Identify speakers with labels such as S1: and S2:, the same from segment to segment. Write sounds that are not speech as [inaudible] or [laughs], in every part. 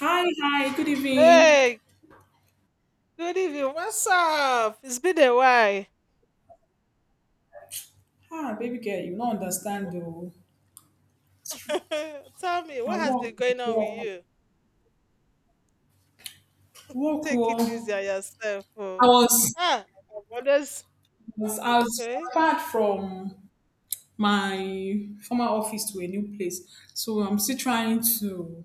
S1: Hi, hi, good evening.
S2: Hey, good evening. What's up? It's been a while.
S1: Ah, baby girl, you don't understand though.
S2: [laughs] Tell me,
S1: I
S2: what has
S1: walk,
S2: been going on with
S1: walk,
S2: you?
S1: walk.
S2: Take it easy on
S1: Oh.
S2: yourself.
S1: I
S2: Oh.
S1: was,
S2: Ah, I've always
S1: I was
S2: okay.
S1: transferred from my former office to a new place, so I'm still trying to,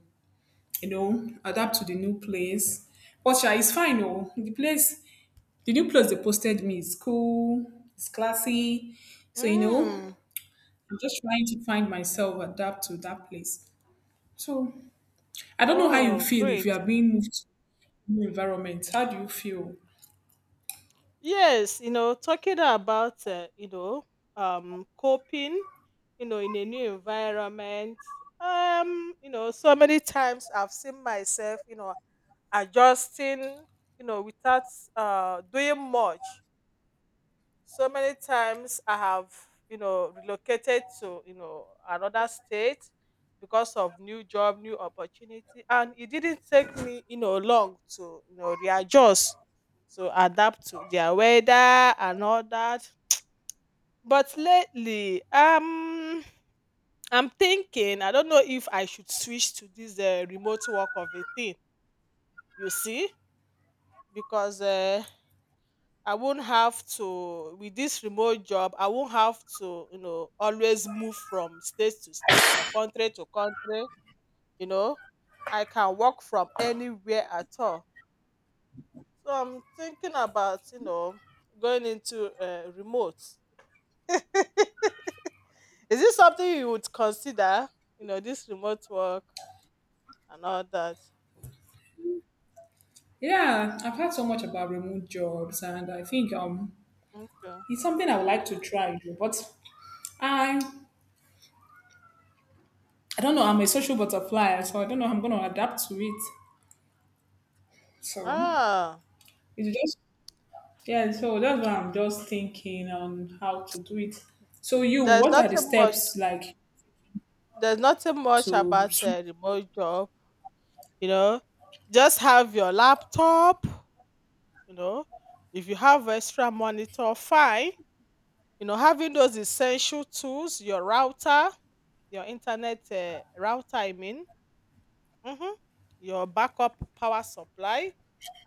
S1: adapt to the new place. But yeah, it's fine. Oh, the new place they posted me is cool. It's classy. So
S2: Mm.
S1: I'm just trying to find myself, adapt to that place. So I don't know how you
S2: Oh,
S1: feel if you
S2: great.
S1: are being moved to a new environment. How do you feel?
S2: Yes, talking about coping, in a new environment. So many times I've seen myself, adjusting, without doing much. So many times I have, relocated to, another state because of new job, new opportunity. And it didn't take me, long to, readjust, to adapt to their weather and all that. But lately, I'm thinking, I don't know if I should switch to this remote work of a thing, you see, because I won't have to. With this remote job, I won't have to, always move from state to state or country to country, you know. I can work from anywhere at all. So I'm thinking about, going into remote. [laughs] Is this something you would consider? This remote work and all that.
S1: Yeah, I've heard so much about remote jobs, and I think
S2: Okay.
S1: it's something I would like to try. But I, I don't know. I'm a social butterfly, so I don't know how I'm gonna adapt to it. So
S2: Ah,
S1: it's just yeah. So that's why I'm just thinking on how to do it. So
S2: there's
S1: what are the
S2: nothing much.
S1: steps like
S2: There's nothing much
S1: to?
S2: about a remote job. You know just have your laptop. You know if you have extra monitor, fine. Having those essential tools: your router, your internet router, I mean, mhm, your backup power supply,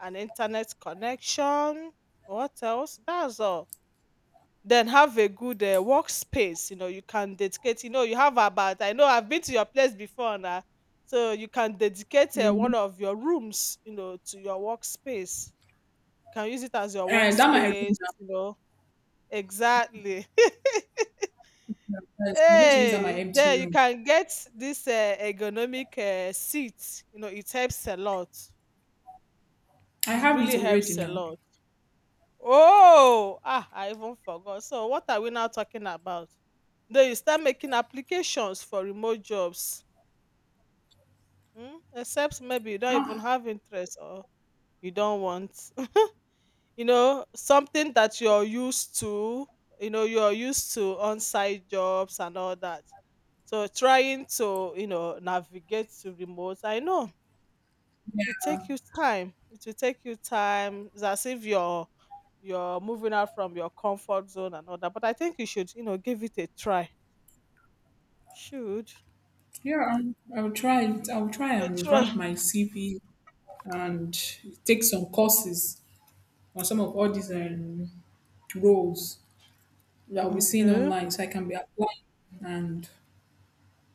S2: an internet connection. What else? That's all. Then have a good workspace. You can dedicate. You have about. I know I've been to your place before, now, so you can dedicate one of your rooms. To your workspace. You can use it as your
S1: That my
S2: workspace.
S1: room now.
S2: Exactly. [laughs]
S1: Yes, I'm going to use that my
S2: Hey,
S1: empty
S2: there you
S1: room.
S2: can get this ergonomic seat. It helps a lot.
S1: I
S2: It
S1: have it
S2: really
S1: already
S2: helps a
S1: now.
S2: lot. Oh, ah, I even forgot. So, what are we now talking about? Then you start making applications for remote jobs, except maybe you don't even
S1: Ah,
S2: have interest, or you don't want. [laughs] Something that you're used to, you're used to on site jobs and all that. So trying to, navigate to remote, I know it will take you time. It will take you time. It's as if you're moving out from your comfort zone and all that. But I think you should, give it a try. Should
S1: yeah, I'll try it. I'll try
S2: a
S1: and
S2: try.
S1: revamp my CV and take some courses on some of all these roles that I'll be seeing
S2: Okay.
S1: online, so I can be applying and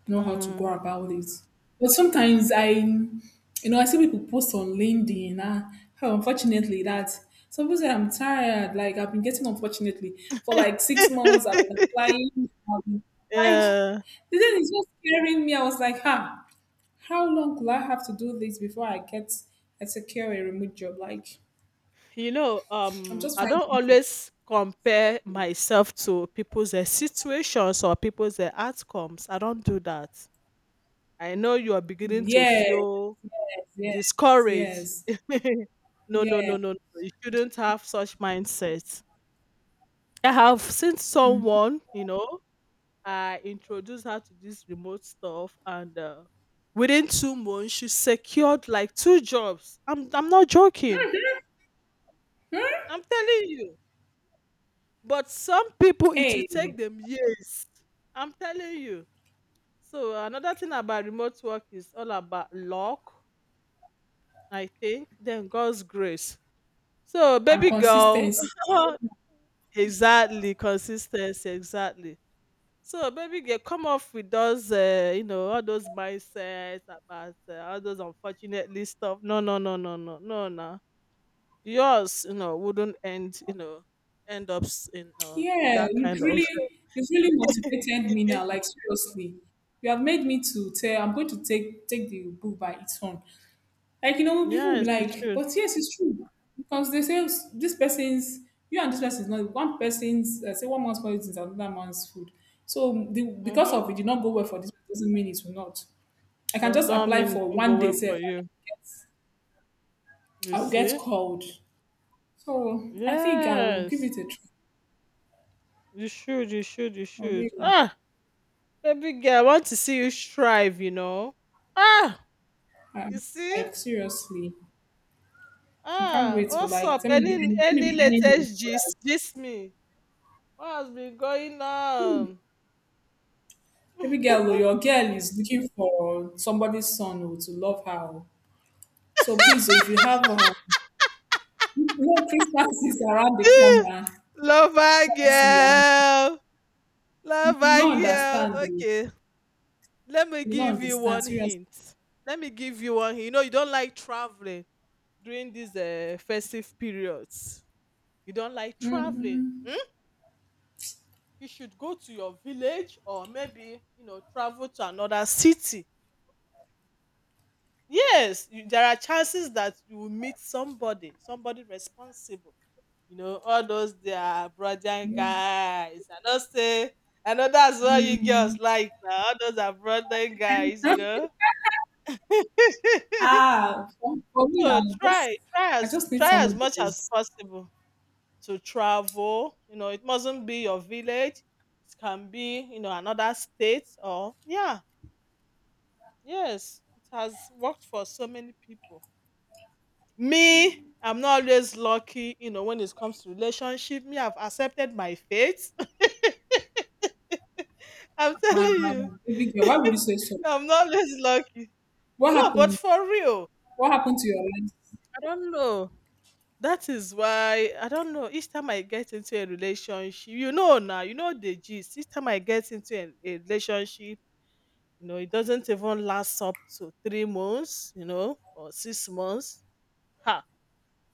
S1: know how to go
S2: Mm.
S1: about it. But sometimes I see people post on LinkedIn. Ah, how unfortunately that some people say I'm tired. Like I've been getting unfortunately for like 6 months. I've been
S2: [laughs]
S1: applying. I've been, like
S2: Yeah.
S1: the thing is just scaring me. I was like, ha. How long will I have to do this before I secure a remote job? Like
S2: You know,
S1: I'm
S2: um,
S1: just
S2: I don't
S1: finding it.
S2: always compare myself to people's situations or people's outcomes. I don't do that. I know you are beginning to
S1: Yes,
S2: feel
S1: yes,
S2: discouraged.
S1: yes,
S2: [laughs] No, no, no,
S1: yeah.
S2: no, no. You shouldn't have such mindset. I have seen someone, I introduced her to this remote stuff, and within 2 months she secured like two jobs. I'm not joking. I'm telling you. But some people, it will
S1: Hey,
S2: take them years. I'm telling you. So another thing about remote work is, all about luck, I think, then God's grace. So
S1: and
S2: baby girl,
S1: consistency.
S2: [laughs] exactly, consistency, exactly. So baby girl, come off with those, all those mindsets about all those unfortunately stuff. No, no, no, no, no, no, no. Yours, wouldn't end, end up in
S1: Yeah,
S2: that
S1: you've
S2: kind of.
S1: really you've really motivated me now.
S2: [laughs]
S1: Like seriously, you have made me to tell. I'm going to take the book by its own. Like, people will be
S2: Yes, it
S1: like,
S2: should.
S1: but yes, it's true. Because they say this person's, you and this person's not one person's, say one man's food is another man's food. So because
S2: Hmm.
S1: of it did not go well for this, doesn't mean it will not. I can
S2: Does
S1: just
S2: not
S1: apply
S2: mean it
S1: for
S2: won't go
S1: one day,
S2: well
S1: say,
S2: for you. You
S1: I'll get
S2: see?
S1: called. So I think I will give
S2: Yes.
S1: it a try.
S2: You should, you should, you
S1: I
S2: should.
S1: will.
S2: Ah, baby girl, I want to see you strive. Ah, you
S1: Um,
S2: see?
S1: like seriously, I can't
S2: Ah,
S1: wait for
S2: what's up?
S1: like let me
S2: Any
S1: be let me
S2: any
S1: be anything.
S2: latest gist? Gist me. What has been going on?
S1: Maybe girl, oh, your girl is looking for somebody's son, oh, to love her. Oh. So please, so if you have no, Christmas is around the
S2: [laughs]
S1: corner,
S2: Lover
S1: honestly, I'm
S2: girl.
S1: you
S2: Lover
S1: do
S2: girl.
S1: understand.
S2: Okay. Let me
S1: You no
S2: give you
S1: understand
S2: one
S1: seriously.
S2: hint. Let me give you one hint. You don't like traveling during these festive periods. You don't like traveling,
S1: Mm-mm,
S2: hmm? You should go to your village, or maybe, travel to another city. Yes, you, there are chances that you will meet somebody responsible. All those their brother guys, I know, say, I know that's what you girls
S1: mm-mm.
S2: like now. All those are brother guys,
S1: [laughs]
S2: [laughs]
S1: Ah, for me,
S2: So
S1: I just
S2: try
S1: I
S2: as,
S1: just need
S2: try as
S1: someone that
S2: much as
S1: is.
S2: possible to travel. It mustn't be your village. It can be, another state, or yeah, yes. It has worked for so many people. Me, I'm not always lucky, when it comes to relationship. Me, I've accepted my fate. [laughs] I'm telling
S1: uh,
S2: you.
S1: baby girl, why
S2: [laughs]
S1: would you say so?
S2: I'm not always lucky.
S1: What
S2: No, but
S1: happened?
S2: for real.
S1: What happened to your last
S2: I don't know. That is why I don't know. Each time I get into a relationship, now, you know the gist. Each time I get into a relationship, it doesn't even last up to 3 months, or 6 months. Ha!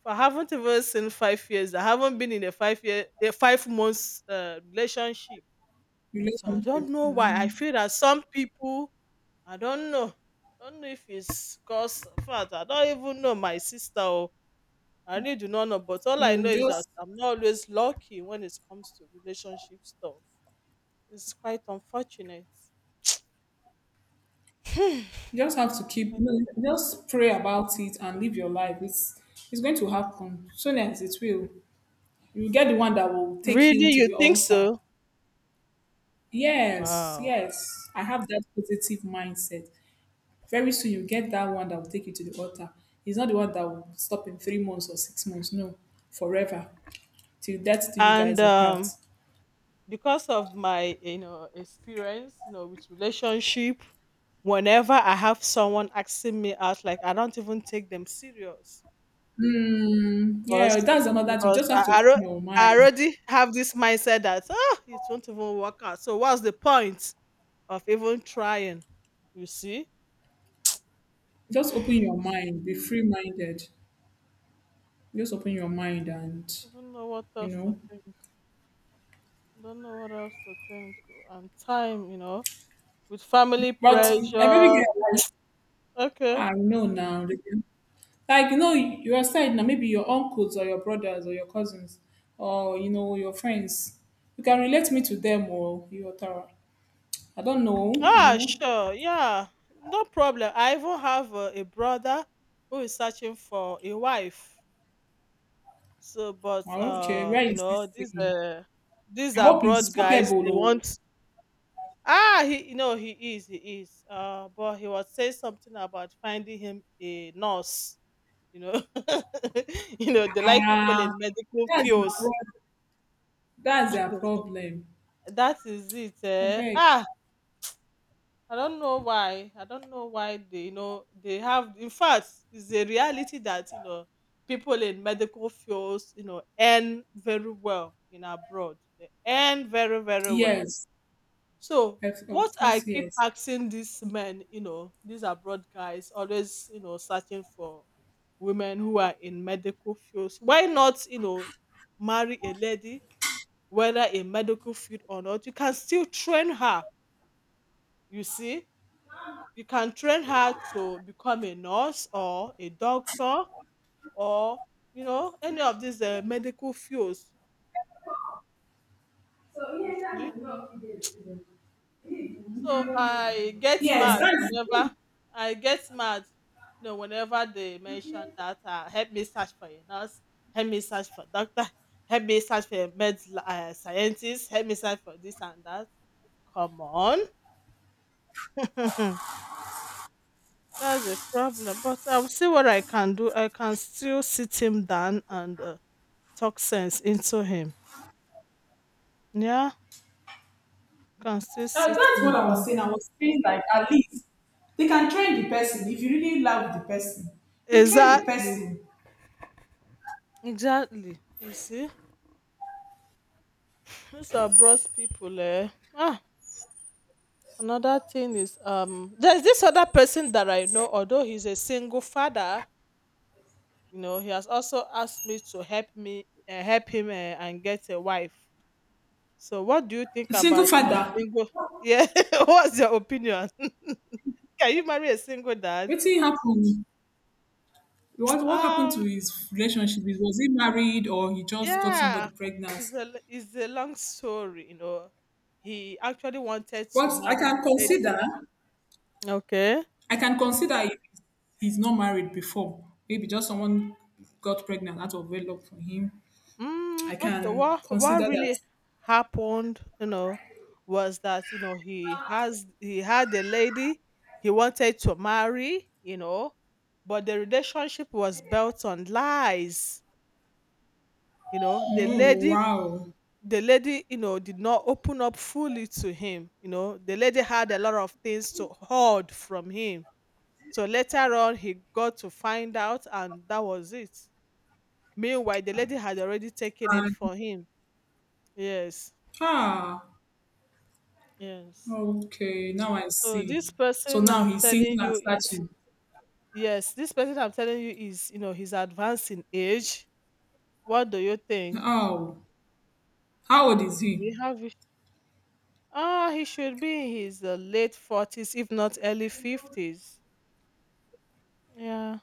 S2: If I haven't even seen 5 years, I haven't been in a 5 year, a 5 months relationship. So I don't
S1: relationship?
S2: know why. I feel that some people, I don't know. I don't know if it's because, in fact, I don't even know my sister. Or, I really do not know. But all I
S1: You
S2: know is that
S1: just
S2: I'm not always lucky when it comes to relationship stuff. It's quite unfortunate.
S1: you just have to
S2: It's
S1: keep.
S2: quite
S1: No,
S2: unfortunate.
S1: just pray about it and live your life. It's going to happen soon as it will. You get the one that will take
S2: Really,
S1: you to
S2: you
S1: the
S2: think
S1: altar.
S2: so?
S1: Yes,
S2: Wow.
S1: yes. I have that positive mindset. Very soon you get that one that will take you to the altar. It's not the one that will stop in 3 months or 6 months. No, forever. Till death do you
S2: And
S1: guys apart.
S2: because of my, experience, with relationship, whenever I have someone asking me out, like I don't even take them serious
S1: Hmm. Yeah, that's
S2: because
S1: another thing. You
S2: because
S1: just have
S2: I,
S1: to
S2: I,
S1: open
S2: alre-
S1: your
S2: I
S1: mind.
S2: already have this mindset that, oh, it won't even work out. So what's the point of even trying? You see? [sighs]
S1: Just open
S2: I
S1: your mind. Be free minded. Just open your mind and
S2: don't know what
S1: you
S2: else to
S1: know.
S2: think. I don't know what else to think. And time, with family
S1: But every
S2: pressure.
S1: girl like
S2: Okay.
S1: I know now. They can Like, your side now, maybe your uncles or your brothers or your cousins or your friends. You can relate me to them or your Tara. I don't know, you
S2: Ah,
S1: know.
S2: sure. Yeah, no problem. I even have a brother who is searching for a wife. So, but
S1: Okay, where is this
S2: these
S1: thing?
S2: uh, these
S1: I hope it's
S2: abroad guys,
S1: capable.
S2: they
S1: Oh.
S2: want. Ah, he, he is. But he was saying something about finding him a nurse. You know, [laughs] they like people
S1: Ah,
S2: in medical
S1: that's, their
S2: fields.
S1: prob- that's their problem.
S2: That is it.
S1: I
S2: Eh?
S1: beg.
S2: Ah, I don't know why. I don't know why they, they have. In fact, it's a reality that people in medical fields, earn very well in abroad. They earn very, very well.
S1: Yes,
S2: So
S1: of
S2: what
S1: of
S2: I
S1: course,
S2: keep
S1: yes.
S2: asking these men, these abroad guys, always, searching for women who are in medical fields. Why not, marry a lady, whether in medical field or not? You can still train her. You see, you can train her to become a nurse or a doctor, or any of these medical fields. You see, so I get
S1: Yes,
S2: mad whenever I get mad. Whenever they mention that, help me search for a nurse, help me search for doctor, help me search for a med scientist, help me search for this and that. Come on. [laughs] That's a problem. But I'll see what I can do. I can still sit him down and talk sense into him. Yeah, can still sit
S1: That's what
S2: him
S1: I was
S2: down.
S1: saying. I was saying like at least they can train the person. If you really love the person, you train the
S2: Exactly.
S1: person.
S2: Exactly. You see, these are bros people. Eh? Ah, another thing is, there's this other person that I know. Although he's a single father, he has also asked me to help him and get a wife. So, what do you think
S1: Single
S2: about
S1: father,
S2: single? [laughs] Yeah, [laughs] what's your opinion? [laughs] Can you marry a single dad?
S1: what happened?
S2: [tsk]
S1: What happened to
S2: Um,
S1: his relationship? Is was he married or he just got somebody
S2: Yeah,
S1: pregnant?
S2: it's a long story. He actually wanted
S1: But
S2: to marry the lady. Okay.
S1: I can consider if he's not married before. Maybe just someone got pregnant out of wedlock for him.
S2: Mm,
S1: I
S2: okay.
S1: can
S2: What
S1: consider that.
S2: really happened, was that he had a lady he wanted to marry, but the relationship was built on lies. The
S1: Oh
S2: lady
S1: wow!
S2: did not open up fully to him. The lady had a lot of things to hoard from him. So later on, he got to find out, and that was it. Meanwhile, the lady had already taken it
S1: And,
S2: for him. Yes,
S1: ah,
S2: yes.
S1: okay, now I
S2: So
S1: see.
S2: this
S1: So
S2: person
S1: now
S2: I'm
S1: he's single
S2: telling
S1: and
S2: you is,
S1: searching.
S2: yes, this person I'm telling you is, he's advanced in age. What do you think?
S1: Oh, how old is
S2: Do
S1: he?
S2: you have? Ah, he should be in his late forties, if not early fifties. Yeah.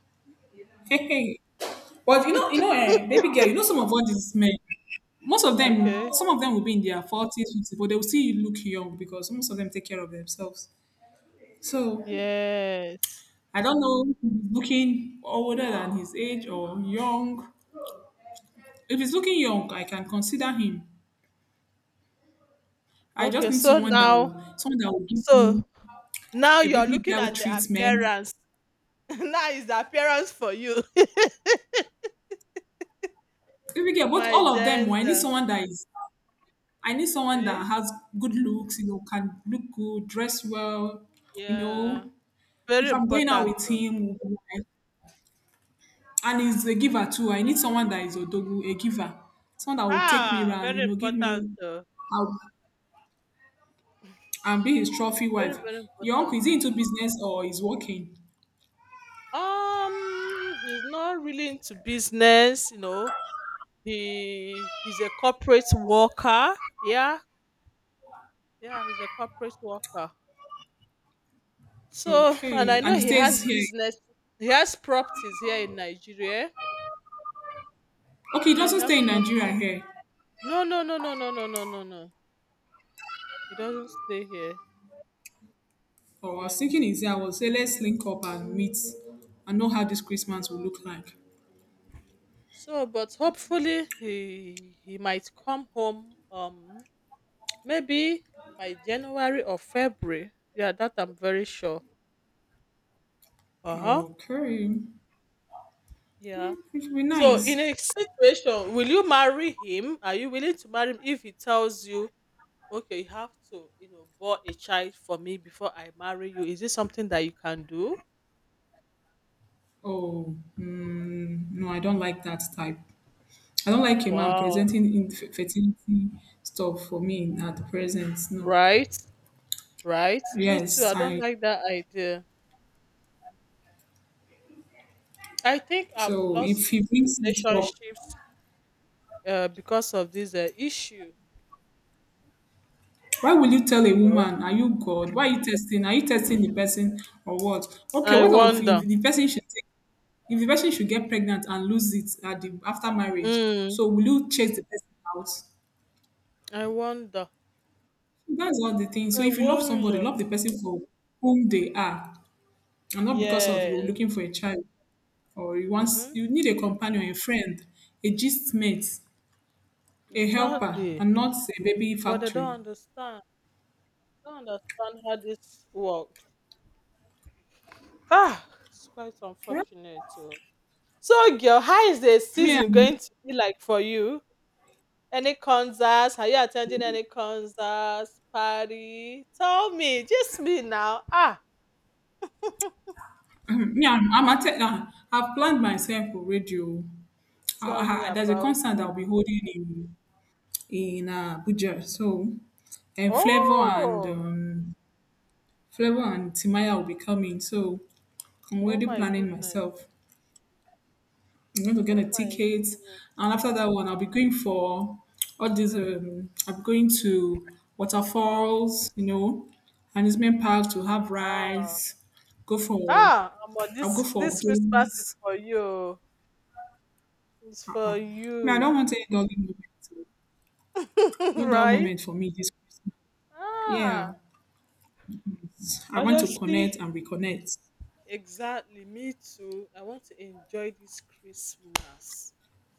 S1: Hey, hey. But
S2: [laughs]
S1: baby girl, some of all these men, most of them,
S2: Okay.
S1: some of them will be in their forties, fifties, but they will still look young because most of them take care of themselves. So
S2: Yes.
S1: I don't know, if he's looking older than his age or young. If he's looking young, I can consider him. I just
S2: Okay.
S1: need
S2: So now,
S1: someone that will give
S2: so
S1: me
S2: now
S1: a
S2: you're
S1: baby
S2: looking
S1: girl
S2: at the
S1: treatment.
S2: appearance. [laughs] Now is the appearance for you. [laughs]
S1: If you get, but
S2: My
S1: all of them, oh,
S2: gender.
S1: I need someone that
S2: Okay.
S1: has good looks, can look good, dress well, you
S2: Yeah.
S1: know. If
S2: Very
S1: I'm going out
S2: important
S1: with
S2: too.
S1: him, we'll be like- and he's a giver too. I
S2: Yeah.
S1: need someone that is odogu, a giver, someone that will take me
S2: Ah,
S1: around,
S2: very
S1: give
S2: important
S1: me,
S2: too.
S1: I'll, and be his trophy
S2: Very,
S1: wife.
S2: very
S1: Your uncle,
S2: important.
S1: is he into business or is working?
S2: He's not really into business. He's a corporate worker. Yeah. Yeah, he's a corporate worker. So [laughs] and
S1: Okay,
S2: I
S1: and
S2: know
S1: he
S2: he
S1: stays
S2: has
S1: here.
S2: business he has properties here in Nigeria.
S1: Okay, he
S2: Yeah, he
S1: doesn't stay
S2: has
S1: in Nigeria
S2: properties.
S1: here.
S2: No, no, no, no, no, no, no, no, no. He doesn't stay here.
S1: Oh, I was thinking,
S2: Yes.
S1: is I will say let's link up and meet and know how this Christmas will
S2: Well,
S1: look like.
S2: so, but hopefully he might come home. Maybe by January or February. Yeah, that I'm very sure. Uh huh.
S1: Okay. Hmm,
S2: Yeah.
S1: it should be
S2: So, in
S1: nice.
S2: a situation, will you marry him? Are you willing to marry him if he tells you, okay, you have to, bore a child for me before I marry you? Is this something that you can do?
S1: Oh, no, I don't like that type. I don't like a man
S2: Wow.
S1: presenting infertility stuff for me at the present. No.
S2: Right. Right. Me too.
S1: Yes,
S2: I don't
S1: I.
S2: like that idea. I think I've
S1: So
S2: lost
S1: if he
S2: two
S1: brings it up,
S2: relationships because of this issue.
S1: why will you tell a
S2: You know?
S1: woman, are you God? Why are you testing? Are you testing the person or what? Okay,
S2: I
S1: what of
S2: wonder.
S1: if the person should take, if the person should get pregnant and lose it at the after marriage?
S2: Mm,
S1: So will you chase the person out?
S2: I wonder.
S1: That's not the thing. So
S2: I
S1: if you love somebody,
S2: wonder.
S1: love the person for whom they are, and not because of you
S2: Yes.
S1: looking for a child or
S2: Mm-hmm.
S1: you need a companion, a friend, a gist mate, a helper,
S2: Exactly.
S1: and not a baby
S2: But they don't
S1: factory.
S2: understand. Don't understand how this works. Ah, it's quite
S1: Right?
S2: unfortunate. Too. So, girl, how is the
S1: Me,
S2: season
S1: I'm,
S2: going to be like for you? Any concerts? Are you attending any concerts? Party? Tell me. Just me now. Ah.
S1: [clears throat] me, I'm at, I've planned myself already. Oh.
S2: Tell me
S1: There's a
S2: about
S1: concert that I'll
S2: it.
S1: be holding in Abuja. So, and Flavor and
S2: Oh,
S1: Flavor and Timaya will be coming. So, I'm
S2: oh
S1: already
S2: my
S1: planning
S2: goodness.
S1: myself. I'm going to get
S2: Oh
S1: a
S2: my
S1: ticket,
S2: goodness.
S1: and after that one, I'll be going for all these. I'm going to waterfalls, and amusement park to have
S2: Wow.
S1: rides. Go for
S2: Ah, Omo,
S1: I'll go
S2: this
S1: for
S2: this Christmas is
S1: games.
S2: for you. It's
S1: Uh-uh.
S2: for
S1: Man, I don't
S2: you.
S1: want any dull moment. Oh. No
S2: [laughs]
S1: dull
S2: Right?
S1: moment for me this Christmas.
S2: Ah.
S1: Yeah, I want to connect
S2: Honestly,
S1: and reconnect. [laughs]
S2: exactly. Me too. I want to enjoy this Christmas.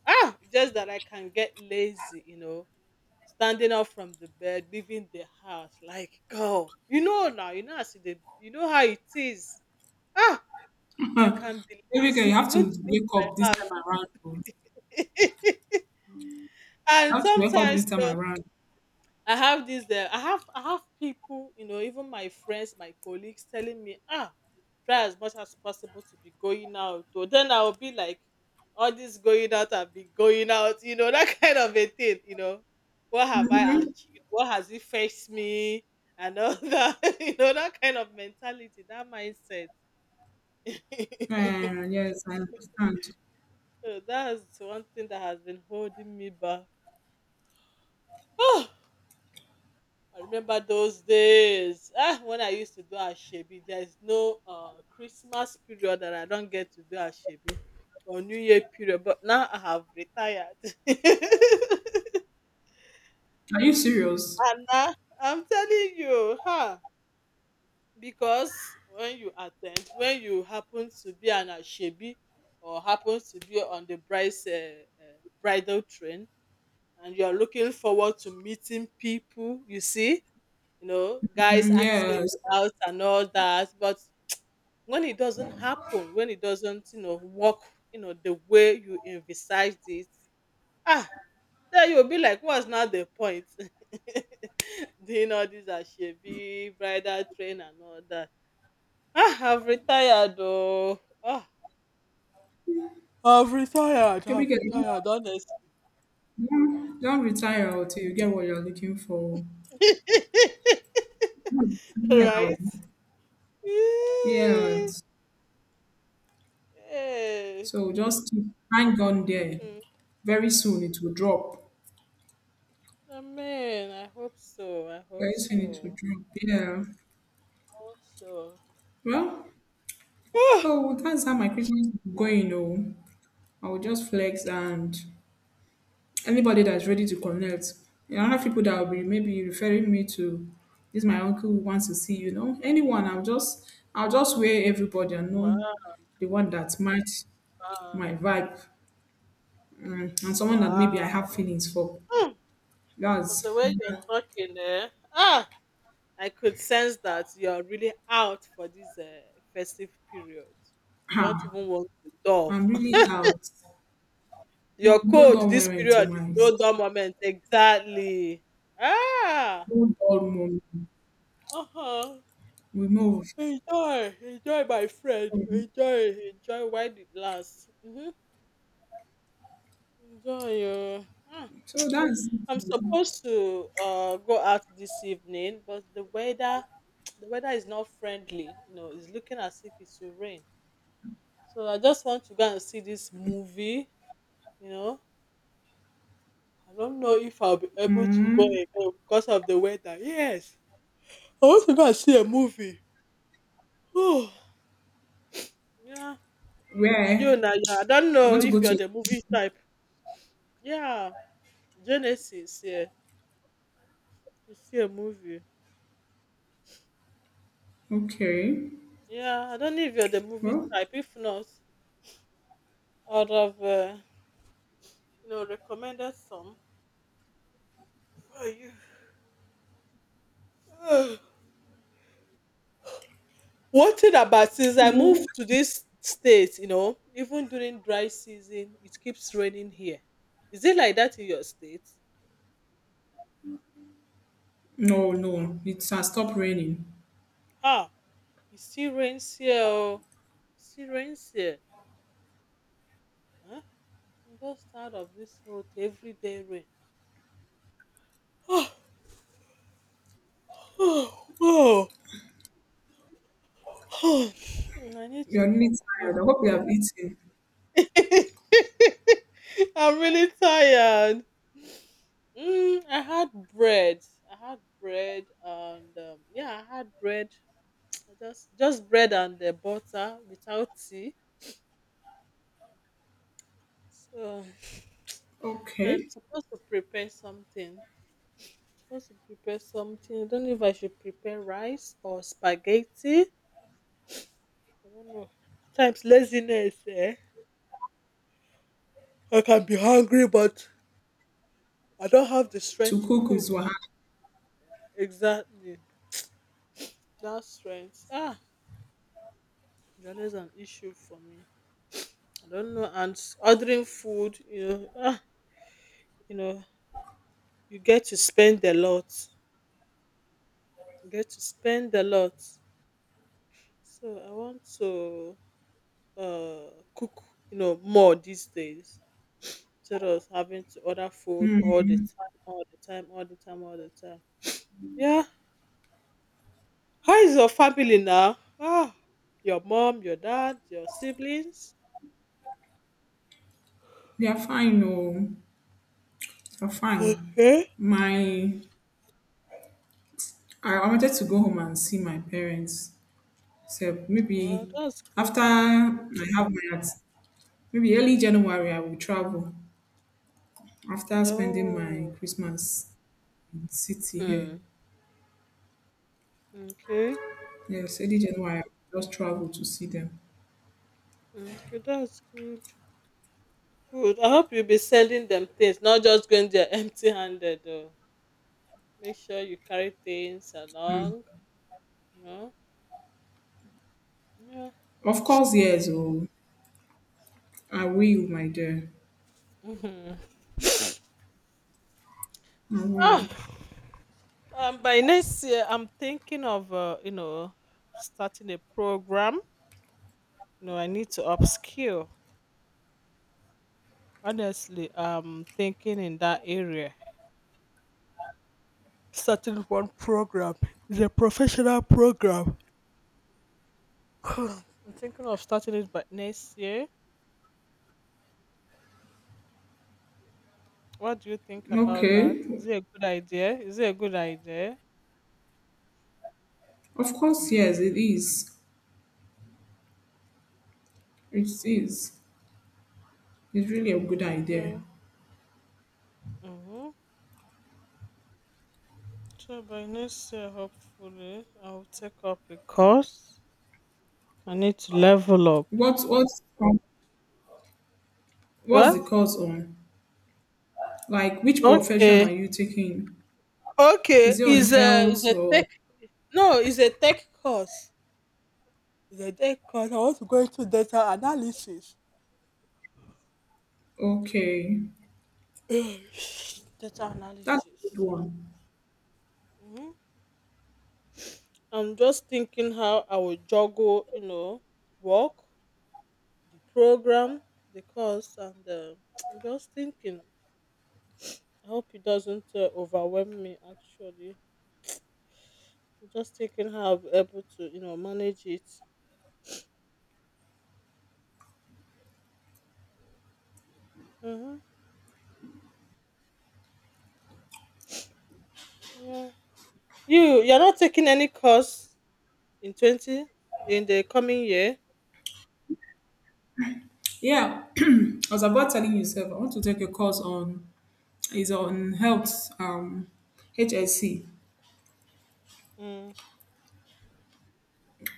S2: Ah, just that I can get lazy. Standing up from the bed, leaving the house, like go. You know now, you know how it is. Ah. I
S1: Huh.
S2: can be
S1: Baby girl,
S2: lazy
S1: you have
S2: even
S1: to
S2: to make
S1: wake up this time around. Oh.
S2: [laughs] and
S1: You have to wake up this
S2: sometimes
S1: time
S2: you know
S1: around.
S2: I have this I have people, you know, even my friends, my colleagues telling me, ah, try as much as possible to be going out, or then I will be like, all this going out, I've been going out, you know, that [laughs] kind of a thing, you know, what have I
S1: Mm-hmm.
S2: achieved, what has it fetched me, and all [laughs] that, you know, that kind of mentality, that mindset. [laughs]
S1: Yeah, yes, I understand.
S2: So that's one thing that has been holding me back. Oh, I remember those days, when I used to do Ashebi. There is no Christmas period that I don't get to do Ashebi or New Year period, but now I have retired. [laughs] And
S1: Are you serious?
S2: now I'm telling you, huh? Because when you happen to be an Ashebi or happen to be on the bride's bridal train and you're looking forward to meeting people, you see, guys
S1: Mm,
S2: asking
S1: yes.
S2: you out and all that. But when it doesn't, work, the way you envisaged it, ah, then you'll be like, what's not the point? [laughs] Doing all these ashebi, bridal train and all that. Ah, I've retired though. Ah. I've retired.
S1: Baby
S2: I've
S1: girl,
S2: retired, honestly. Mhm.
S1: don't retire until you get what you're looking for.
S2: [laughs]
S1: Mm, yeah.
S2: Right? Yeah.
S1: Yes. So just hang on there.
S2: Yeah.
S1: Very soon it will drop.
S2: Amen. I hope so. I hope
S1: Very soon it will
S2: so.
S1: drop. Yeah.
S2: I hope so.
S1: Well,
S2: [sighs]
S1: so that's how my Christmas is going. Oh, I will just
S2: Hmm.
S1: flex, and anybody that's ready to connect. I have people that will be maybe referring me to this my uncle who wants to see, anyone. I'll just weigh everybody and
S2: Wow.
S1: know the one that might my vibe, and someone that maybe I
S2: Wow.
S1: have feelings for.
S2: Hmm. From the
S1: That's.
S2: way you're talking, eh? Ah, I could sense that you're really out for this festive period. You don't
S1: Ah,
S2: even want to dull.
S1: I'm really out. No,
S2: Your
S1: no
S2: code
S1: dull
S2: this
S1: moment, to
S2: period
S1: my
S2: is no dull
S1: sister.
S2: moment. Exactly. Ah.
S1: No dull moment.
S2: Uh huh.
S1: We move.
S2: Enjoy, enjoy, my friend. Enjoy, enjoy while it lasts. Mhm. Enjoy, oh. Ah,
S1: So that's,
S2: I'm supposed to go out this evening, but the weather [tsk] the weather is not friendly. You know, it's looking as if it will rain. So I just want to go and see this movie, you know. I don't know if I'll be able to go
S1: mm,
S2: again because of the weather. Yes. I want to go and see a movie. [sighs] Oh, yeah.
S1: where
S2: You now, yeah. I don't
S1: you
S2: know
S1: want to
S2: if
S1: go
S2: you're
S1: to.
S2: the movie type. Yeah. Genesis, yeah. To see a movie.
S1: Okay.
S2: Yeah, I don't know if you're the movie
S1: Well,
S2: type. If not, I'd have, recommended some for you. [sighs] One thing about since
S1: we
S2: I
S1: will hook
S2: moved to this state, even during dry season, it keeps raining here. Is it like that in your state?
S1: no, no, it has stopped raining.
S2: Ah, it still rains here. Oh. It still rains here. Huh? I'm just tired of this hot everyday rain. [sighs] Oh, oh, oh, [sighs] I need to
S1: You're really
S2: cook. If
S1: tired. I hope you have eaten.
S2: [laughs] I'm really tired. Mm, I had bread. I had bread and yeah, I had bread. [tsk] I just bread and the butter without tea. So I'm
S1: Okay.
S2: supposed to prepare something. Supposed to prepare something. I don't know if I should prepare rice or spaghetti. I don't know. At times laziness, eh? I can be hungry, but I don't have the
S1: To
S2: strength to
S1: cook is what
S2: cook.
S1: hap-.
S2: Exactly. That strength. Ah, it's always an issue for me. I don't know. And ordering food, you know, you get to spend a lot. You get to spend a lot. So I want to cook, more these days. Instead of having to order food all the time, all the time, all the time, all the time. Yeah. How is your family now? Ah, your mom, your dad, your siblings. [sighs]
S1: They are fine, no, they're fine.
S2: Okay.
S1: My I wanted to go home and see my parents. So maybe
S2: Wow, that's good.
S1: after I have my at, maybe early January I will travel after spending my
S2: Oh.
S1: Christmas in city here.
S2: Mm. Okay.
S1: Yes, early January I will just travel to see them.
S2: Mm, okay, that's good. Good. I hope you'll be selling them things, not just going there [laughs] empty handed though. Make sure you carry things
S1: Mm.
S2: along, you know? Yeah.
S1: Of course, yes, oh, I will, my dear.
S2: Hmm.
S1: I
S2: Ah,
S1: will.
S2: by next year, I'm thinking of, starting a program. You know, I need to upskill. Honestly, I'm thinking in that area. Starting one program, the professional program. [sighs] I'm thinking of starting it by next year. What do you think about that?
S1: Okay.
S2: Is it a good idea? Is it a good idea?
S1: Of course, yes, it is. It is. It's really a good idea.
S2: Mm-hmm. Mm-hmm. So by next year, hopefully, I'll take up a course. I need to level up.
S1: What what's the
S2: What?
S1: course on? Like which profession
S2: Okay.
S1: are you taking?
S2: Okay.
S1: Is it on
S2: Is a is
S1: health
S2: a
S1: or?
S2: tech? No, is a tech course. Is a tech course. I want to go into data analysis.
S1: Okay.
S2: Eh, [sighs] data
S1: That's
S2: analysis.
S1: a good
S2: So,
S1: one.
S2: mhm. I'm just thinking how I will juggle, work, the program, the course, and [tsk] I'm just thinking. I hope it doesn't overwhelm me. Actually, I'm just thinking how I'll be able to, manage it. Mm-hmm. Yeah, you're not taking any course in twenty in the coming year.
S1: Yeah. [clears throat] I was about telling yourself I want to take a course on, is on health, HSC,
S2: Mm.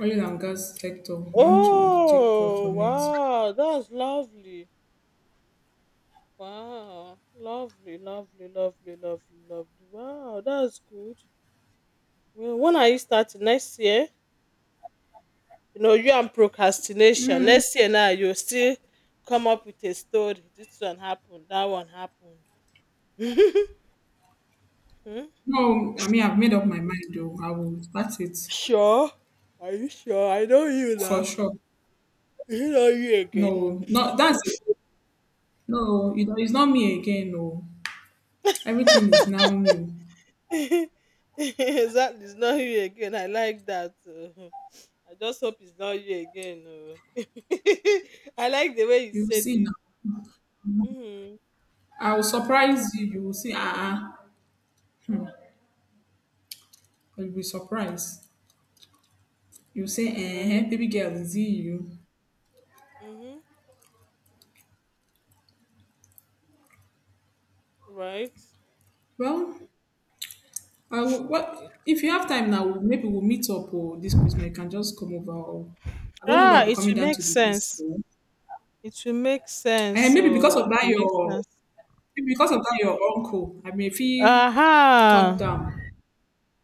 S1: oil and gas sector. I want to take course
S2: Oh
S1: on it.
S2: wow, that's lovely. Wow, lovely, lovely, lovely, lovely, lovely. Wow, that's good. Well, when are you starting next year? You know you and procrastination,
S1: Mm,
S2: next year now you still come up with a story, this one happened, that one happened. [laughs] Hmm?
S1: no, I mean I've made up my mind though. I will start it.
S2: Sure. Are you sure? I know you
S1: For
S2: now.
S1: sure.
S2: Is it not you again?
S1: No, no, that's no. It's not me again. No, everything is now new.
S2: [laughs] Exactly. It's not you again. I like that, oh. I just hope it's not you again, oh. [laughs] I like the way you
S1: You will
S2: said
S1: see
S2: it.
S1: now.
S2: Hmm.
S1: I will surprise you. You will see. Ah, hmm. You'll be surprised. You will say, "Eh,
S2: Right.
S1: baby girl, is it you?"
S2: Hmm. Right.
S1: Well, what if you have time now? Maybe we'll meet up or this Christmas. You can just come over. Or I don't know if
S2: Ah,
S1: I'll be
S2: it
S1: coming
S2: will
S1: down
S2: make
S1: to the east
S2: sense.
S1: though.
S2: It will make sense.
S1: And maybe because
S2: So it
S1: of that,
S2: will make sense.
S1: your uncle. I may feel touched
S2: Aha.
S1: down.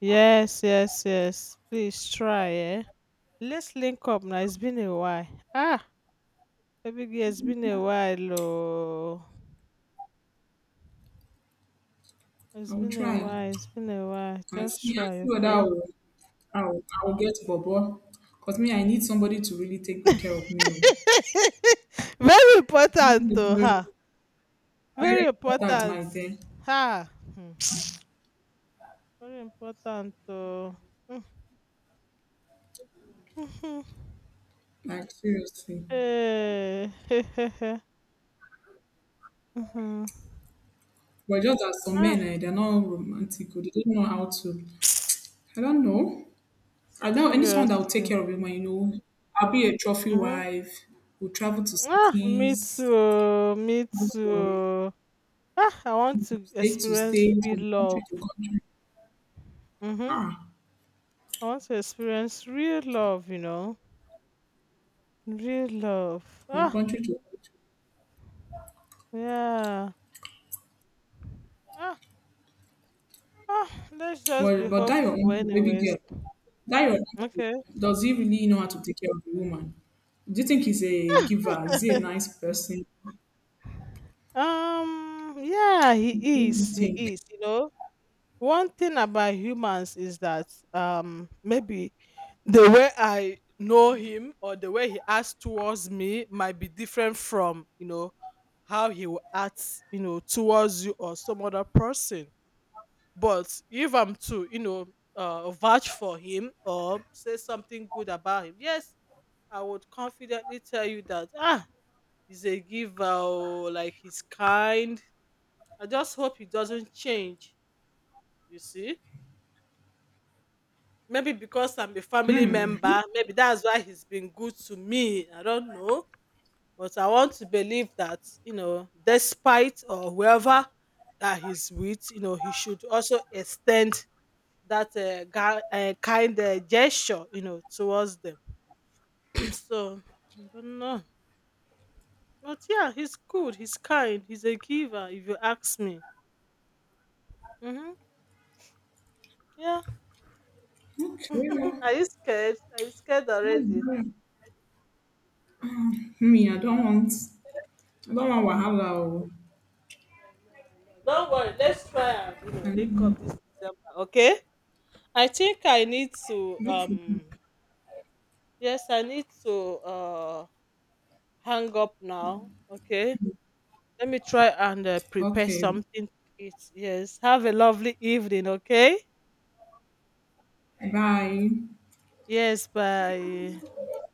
S2: Yes, yes, yes. Please try, eh? Let's link up now. It's been a while. Ah, baby, girl, it's been a while, oh.
S1: I
S2: It's
S1: will
S2: been a
S1: try,
S2: while. It's been a while.
S1: and
S2: Just
S1: see and
S2: try,
S1: see whether
S2: okay?
S1: I will get Bobo. Because me, I need somebody to really take good care of me. Oh.
S2: [laughs] Very
S1: Women
S2: important,
S1: dey.
S2: oh,
S1: Very,
S2: ha. Very
S1: very important, my
S2: important,
S1: dear.
S2: ha. Hmm. Very important, oh. Mm. [laughs]
S1: Like, seriously.
S2: Eh, [laughs] eh, eh, eh. Mhm.
S1: But just that some men,
S2: Ah,
S1: they're not romantic. Oh, they don't know how to. I don't know. I don't, I need someone that will take
S2: seriously.
S1: care of him. I'll be a trophy
S2: Mm-hmm.
S1: wife. We'll travel to
S2: Ah, me too,
S1: cities,
S2: oh, me
S1: move
S2: too.
S1: from
S2: Oh. Ah, I want to
S1: state to
S2: experience
S1: state,
S2: real
S1: from country
S2: love.
S1: to country.
S2: Mm-hmm.
S1: Ah,
S2: I want to experience real love, you know, real love.
S1: from
S2: Ah,
S1: country to country.
S2: yeah. Ah, ah. Let's just
S1: Well,
S2: be
S1: but that your
S2: hopeful,
S1: uncle, baby
S2: anyways.
S1: girl, that your uncle,
S2: Okay.
S1: does he really know how to take care of the woman? Do you think he's a giver? Is he a nice
S2: [laughs]
S1: person?
S2: Um. Yeah,
S1: What
S2: he
S1: do you
S2: is. He
S1: think?
S2: is. You know. One thing about humans is that maybe the way I know him or the way he acts towards me might be different from, you know, how he will act, you know, towards you or some other person. But if I'm to, vouch for him or say something good about him, yes, I would confidently tell you that he's a giver, oh, like he's kind. I just hope he doesn't change. You see, maybe because I'm a family member, maybe that's why he's been good to me. I don't know. But I want to believe that, despite or whoever that he's with, he should also extend that kind gesture, you know, towards them. [clears throat] So, I don't know. But yeah, he's good. He's kind. He's a giver, if you ask me. Mm-hmm. Yeah.
S1: Okay.
S2: [laughs] Are you scared? Are you scared
S1: That's
S2: already?
S1: good. Me, I don't want wahala. Oh.
S2: Don't worry, let's try and link
S1: I-.
S2: up this December, okay? I think I need to
S1: No problem.
S2: yes, I need to uh hang up now, okay? Let me try and prepare
S1: Okay.
S2: something to eat. Yes, have a lovely evening, okay? Yes, bye.
S1: Bye.